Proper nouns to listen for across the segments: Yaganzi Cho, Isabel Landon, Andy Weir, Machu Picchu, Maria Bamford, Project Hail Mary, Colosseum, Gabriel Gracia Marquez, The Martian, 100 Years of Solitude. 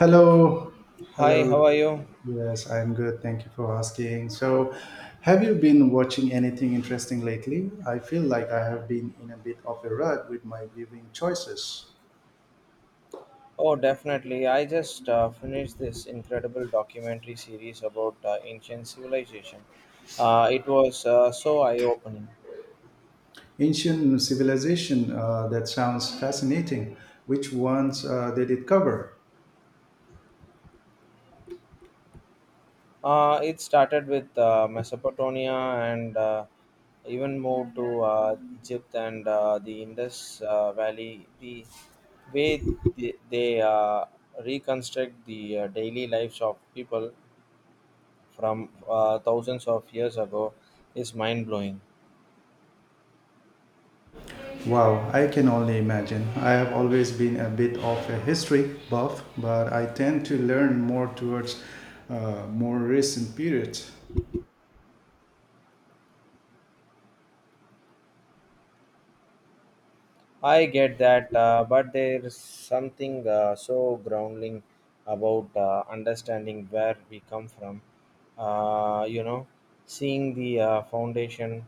Hello, Hi, hello. how are you? Yes, I'm good. Thank you for asking. So, have you been watching anything interesting lately? I feel like I have been in a bit of a rut with my viewing choices. Oh, definitely. I just finished this incredible documentary series about ancient civilization. It was so eye-opening. Ancient civilization, that sounds fascinating. Which ones did it cover? It started with Mesopotamia and even moved to Egypt and the Indus Valley. The way they reconstruct the daily lives of people from thousands of years ago is mind-blowing. Wow, I can only imagine. I have always been a bit of a history buff, but I tend to learn more towards more recent periods. I get that, but there's something so grounding about understanding where we come from. Uh, you know, Seeing the foundation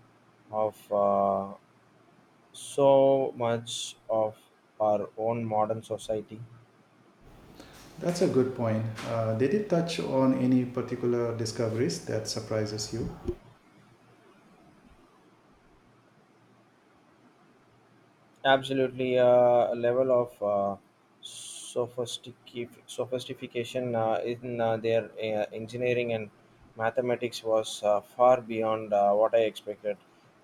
of so much of our own modern society. That's a good point. They did it touch on any particular discoveries that surprises you. Absolutely, a level of sophistication in their engineering and mathematics was far beyond what I expected.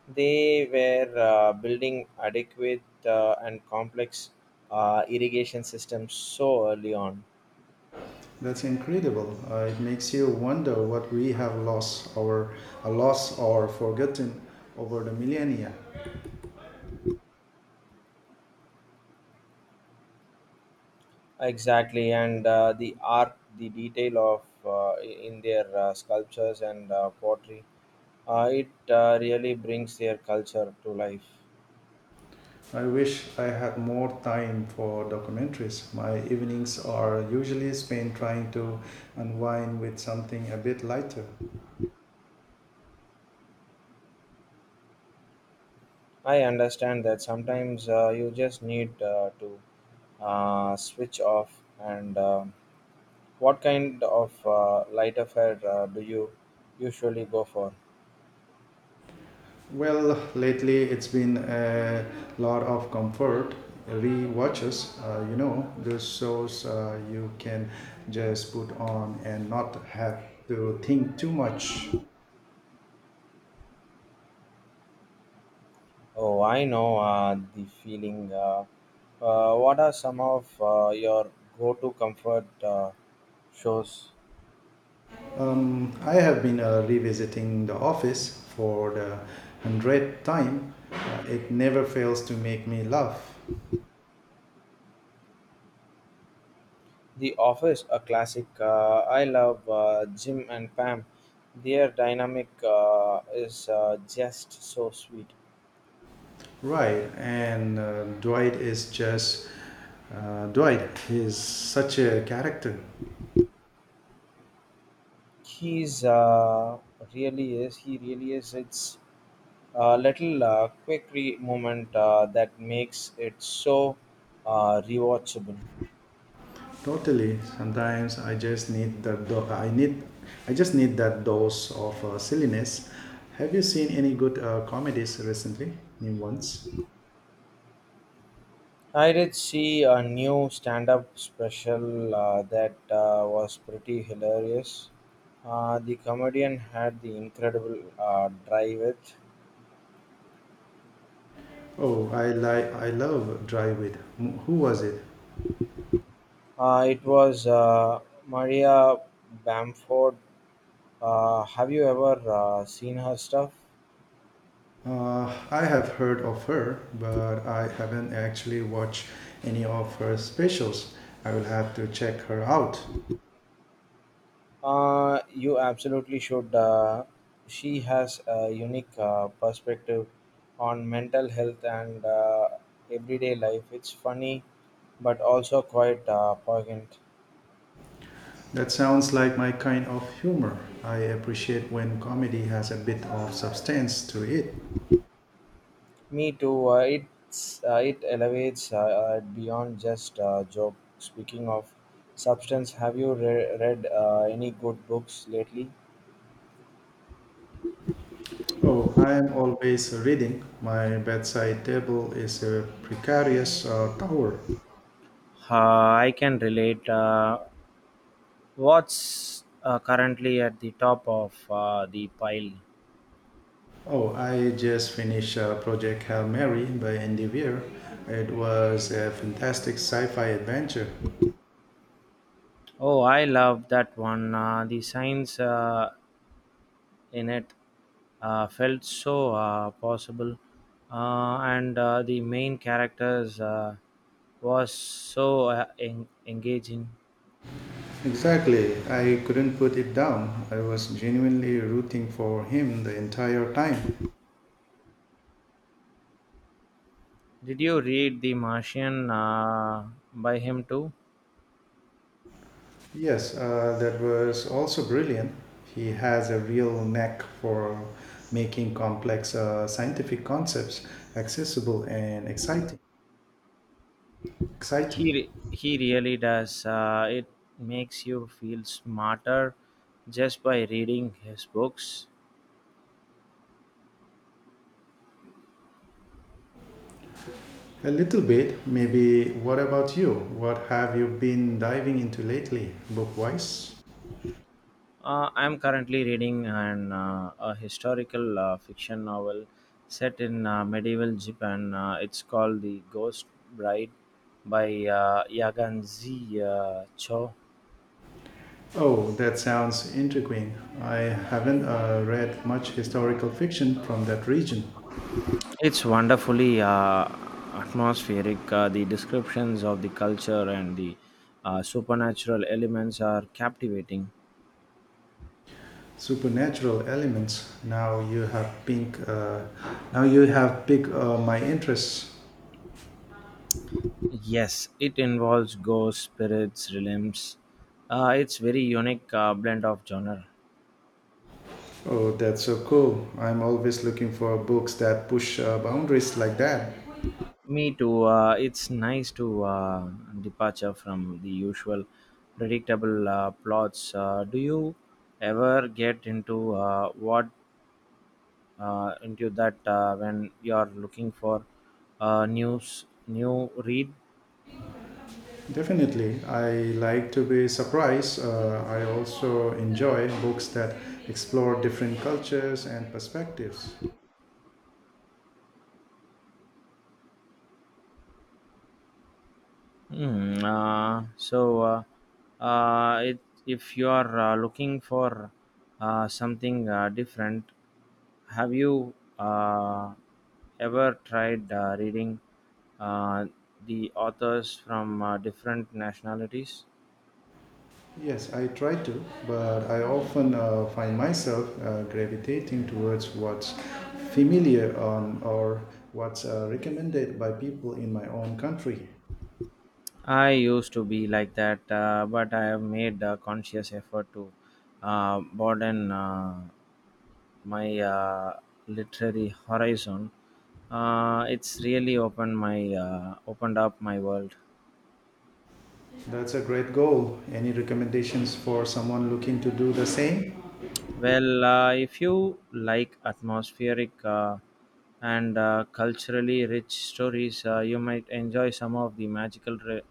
They were building adequate and complex irrigation systems so early on. That's incredible. It makes you wonder what we have lost or forgotten over the millennia. Exactly, and the art, the detail of in their sculptures and pottery, it really brings their culture to life. I wish I had more time for documentaries. My evenings are usually spent trying to unwind with something a bit lighter. I understand that sometimes you just need to switch off. And what kind of light affair do you usually go for? Well, lately it's been a lot of comfort re-watches. You know, those shows you can just put on and not have to think too much. Oh, I know the feeling. What are some of your go to comfort shows? I have been revisiting The Office for the 100th time. It never fails to make me laugh. The Office, a classic. I love Jim and Pam. Their dynamic is just so sweet. Right, and Dwight is just Dwight. He's such a character. He's really is. He really is. It's a little moment that makes it so rewatchable. Totally. Sometimes I just I need. I just need that dose of silliness. Have you seen any good comedies recently? New ones? I did see a new stand-up special that was pretty hilarious. The comedian had the incredible drive it. Oh, I love Drive With. Who was it? It was Maria Bamford. Have you ever seen her stuff? I have heard of her, but I haven't actually watched any of her specials. I will have to check her out. You absolutely should. She has a unique perspective on mental health and everyday life. It's funny, but also quite poignant. That sounds like my kind of humor. I appreciate when comedy has a bit of substance to it. Me too. It's it elevates beyond just joke. Speaking of substance, have you read any good books lately? Oh, I am always reading. My bedside table is a precarious tower. I can relate. What's currently at the top of the pile? Oh, I just finished Project Hail Mary by Andy Weir. It was a fantastic sci-fi adventure. Oh, I love that one. The science in it felt so possible, and the main characters was so engaging. Exactly. I couldn't put it down. I was genuinely rooting for him the entire time. Did you read The Martian by him too? Yes, that was also brilliant. He has a real knack for making complex scientific concepts accessible and exciting. Exciting. He really does. It makes you feel smarter just by reading his books. A little bit, maybe. What about you? What have you been diving into lately, book wise? I am currently reading an a historical fiction novel set in medieval Japan. It's called The Ghost Bride by Yaganzi Cho. Oh, that sounds intriguing. I haven't read much historical fiction from that region. It's wonderfully atmospheric. The descriptions of the culture and the supernatural elements are captivating. Supernatural elements. Now you have piqued my interest. Yes, it involves ghosts, spirits, realms. It's very unique blend of genre. Oh, that's so cool. I'm always looking for books that push boundaries like that. Me too. It's nice to departure from the usual predictable plots. Do you ever get into what into that when you are looking for news new read? Definitely, I like to be surprised. I also enjoy books that explore different cultures and perspectives. Hmm, uh, so uh, uh, it, if you are looking for something different, have you ever tried reading uh, the authors from different nationalities? Yes, I try to, but I often find myself gravitating towards what's familiar on, or what's recommended by people in my own country. I used to be like that, but I have made a conscious effort to broaden my literary horizon. It's really opened up my world. That's a great goal. Any recommendations for someone looking to do the same? Well, if you like atmospheric and culturally rich stories, you might enjoy some of the magical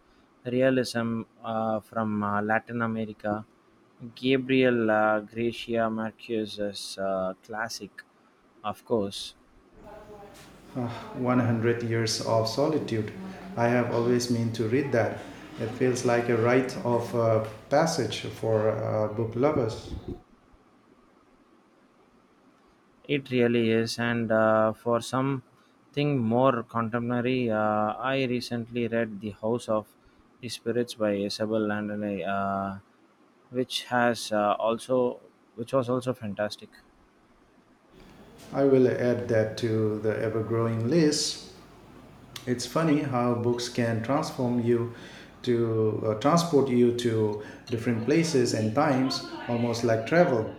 realism from Latin America. Gabriel Gracia Marquez's classic, of course. 100 Years of Solitude. I have always meant to read that. It feels like a rite of passage for book lovers. It really is, and for something more contemporary, I recently read The House of the Spirits by Isabel Landon, which has uh, also which was also fantastic. I will add that to the ever growing list. It's funny how books can transform you to transport you to different places and times, almost like travel.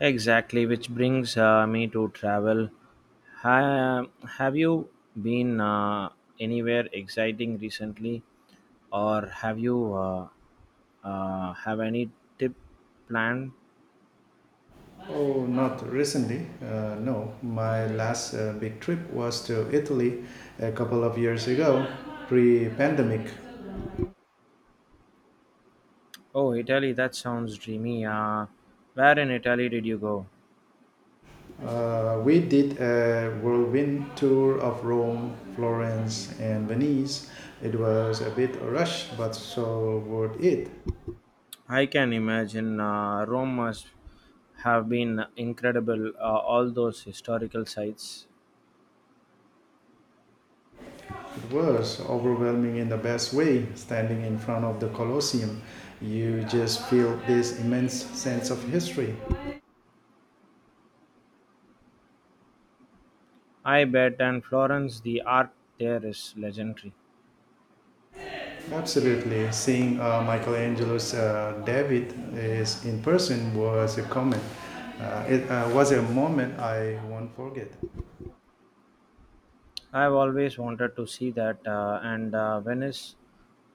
Exactly, which brings me to travel. Ha- have you been anywhere exciting recently, or have you have any tip planned? Oh, not recently. No, my last big trip was to Italy a couple of years ago, pre pandemic. Oh, Italy, that sounds dreamy. Where in Italy did you go? We did a whirlwind tour of Rome, Florence, and Venice. It was a bit rushed, but so worth it. I can imagine Rome must have been incredible, all those historical sites. It was overwhelming in the best way. Standing in front of the Colosseum, you just feel this immense sense of history. I bet, and Florence, the art there is legendary. Absolutely, seeing Michelangelo's David is in person was a comment. It was a moment I won't forget. I've always wanted to see that, and Venice,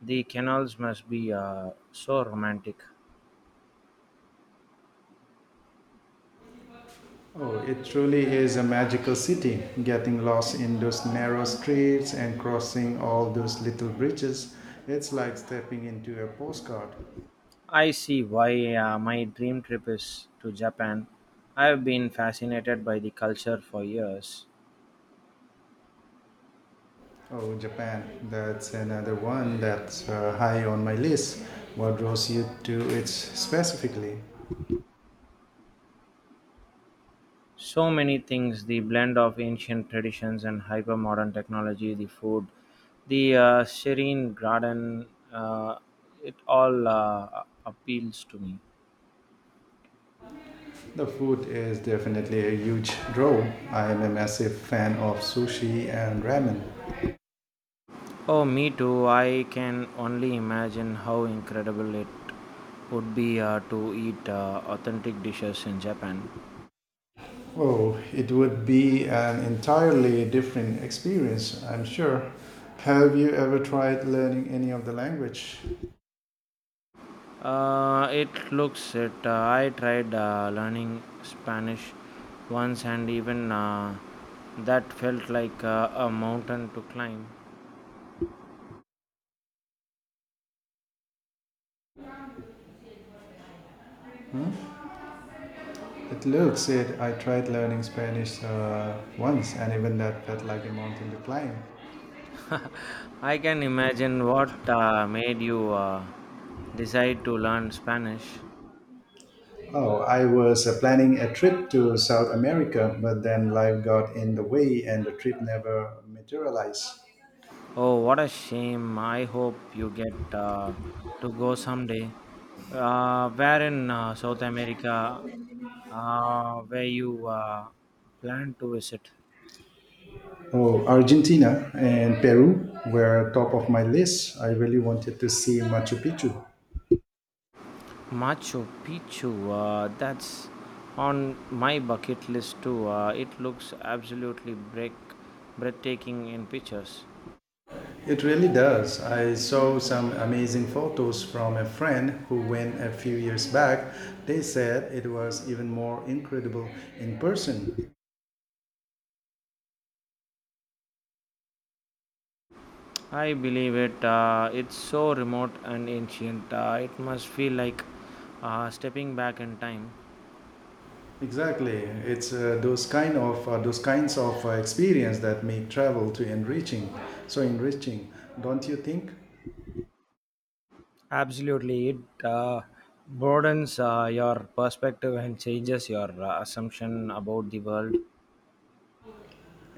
the canals must be so romantic. Oh, it truly is a magical city, getting lost in those narrow streets and crossing all those little bridges. It's like stepping into a postcard. I see why my dream trip is to Japan. I've been fascinated by the culture for years. Oh, Japan, that's another one that's high on my list. What draws you to it specifically? So many things the blend of ancient traditions and hyper modern technology, the food, the serene garden uh, it all appeals to me. The food is definitely a huge draw. I am a massive fan of sushi and ramen. Oh, me too. I can only imagine how incredible it would be to eat authentic dishes in Japan. Oh, it would be an entirely different experience, I'm sure. Have you ever tried learning any of the language? It looks it. I tried learning Spanish once, and even that felt like a mountain to climb. It looks it. I tried learning Spanish once, and even that felt like a mountain to climb. I can imagine what made you decide to learn Spanish. Oh, I was planning a trip to South America, but then life got in the way, and the trip never materialized. Oh, what a shame. I hope you get to go someday. Where in South America where you plan to visit? Oh, Argentina and Peru were top of my list. I really wanted to see Machu Picchu. Machu Picchu. That's on my bucket list too. It looks absolutely breathtaking in pictures. It really does. I saw some amazing photos from a friend who went a few years back. They said it was even more incredible in person. I believe it. It's so remote and ancient. It must feel like stepping back in time. Exactly. It's those kinds of experience that make travel so enriching, don't you think? Absolutely, it broadens your perspective and changes your assumption about the world.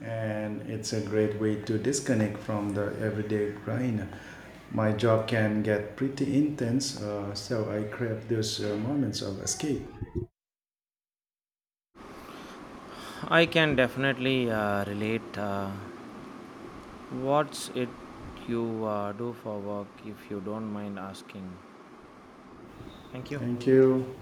And it's a great way to disconnect from the everyday grind. My job can get pretty intense, so I crave those moments of escape. I can definitely relate. What's it you do for work, if you don't mind asking? Thank you. Thank you.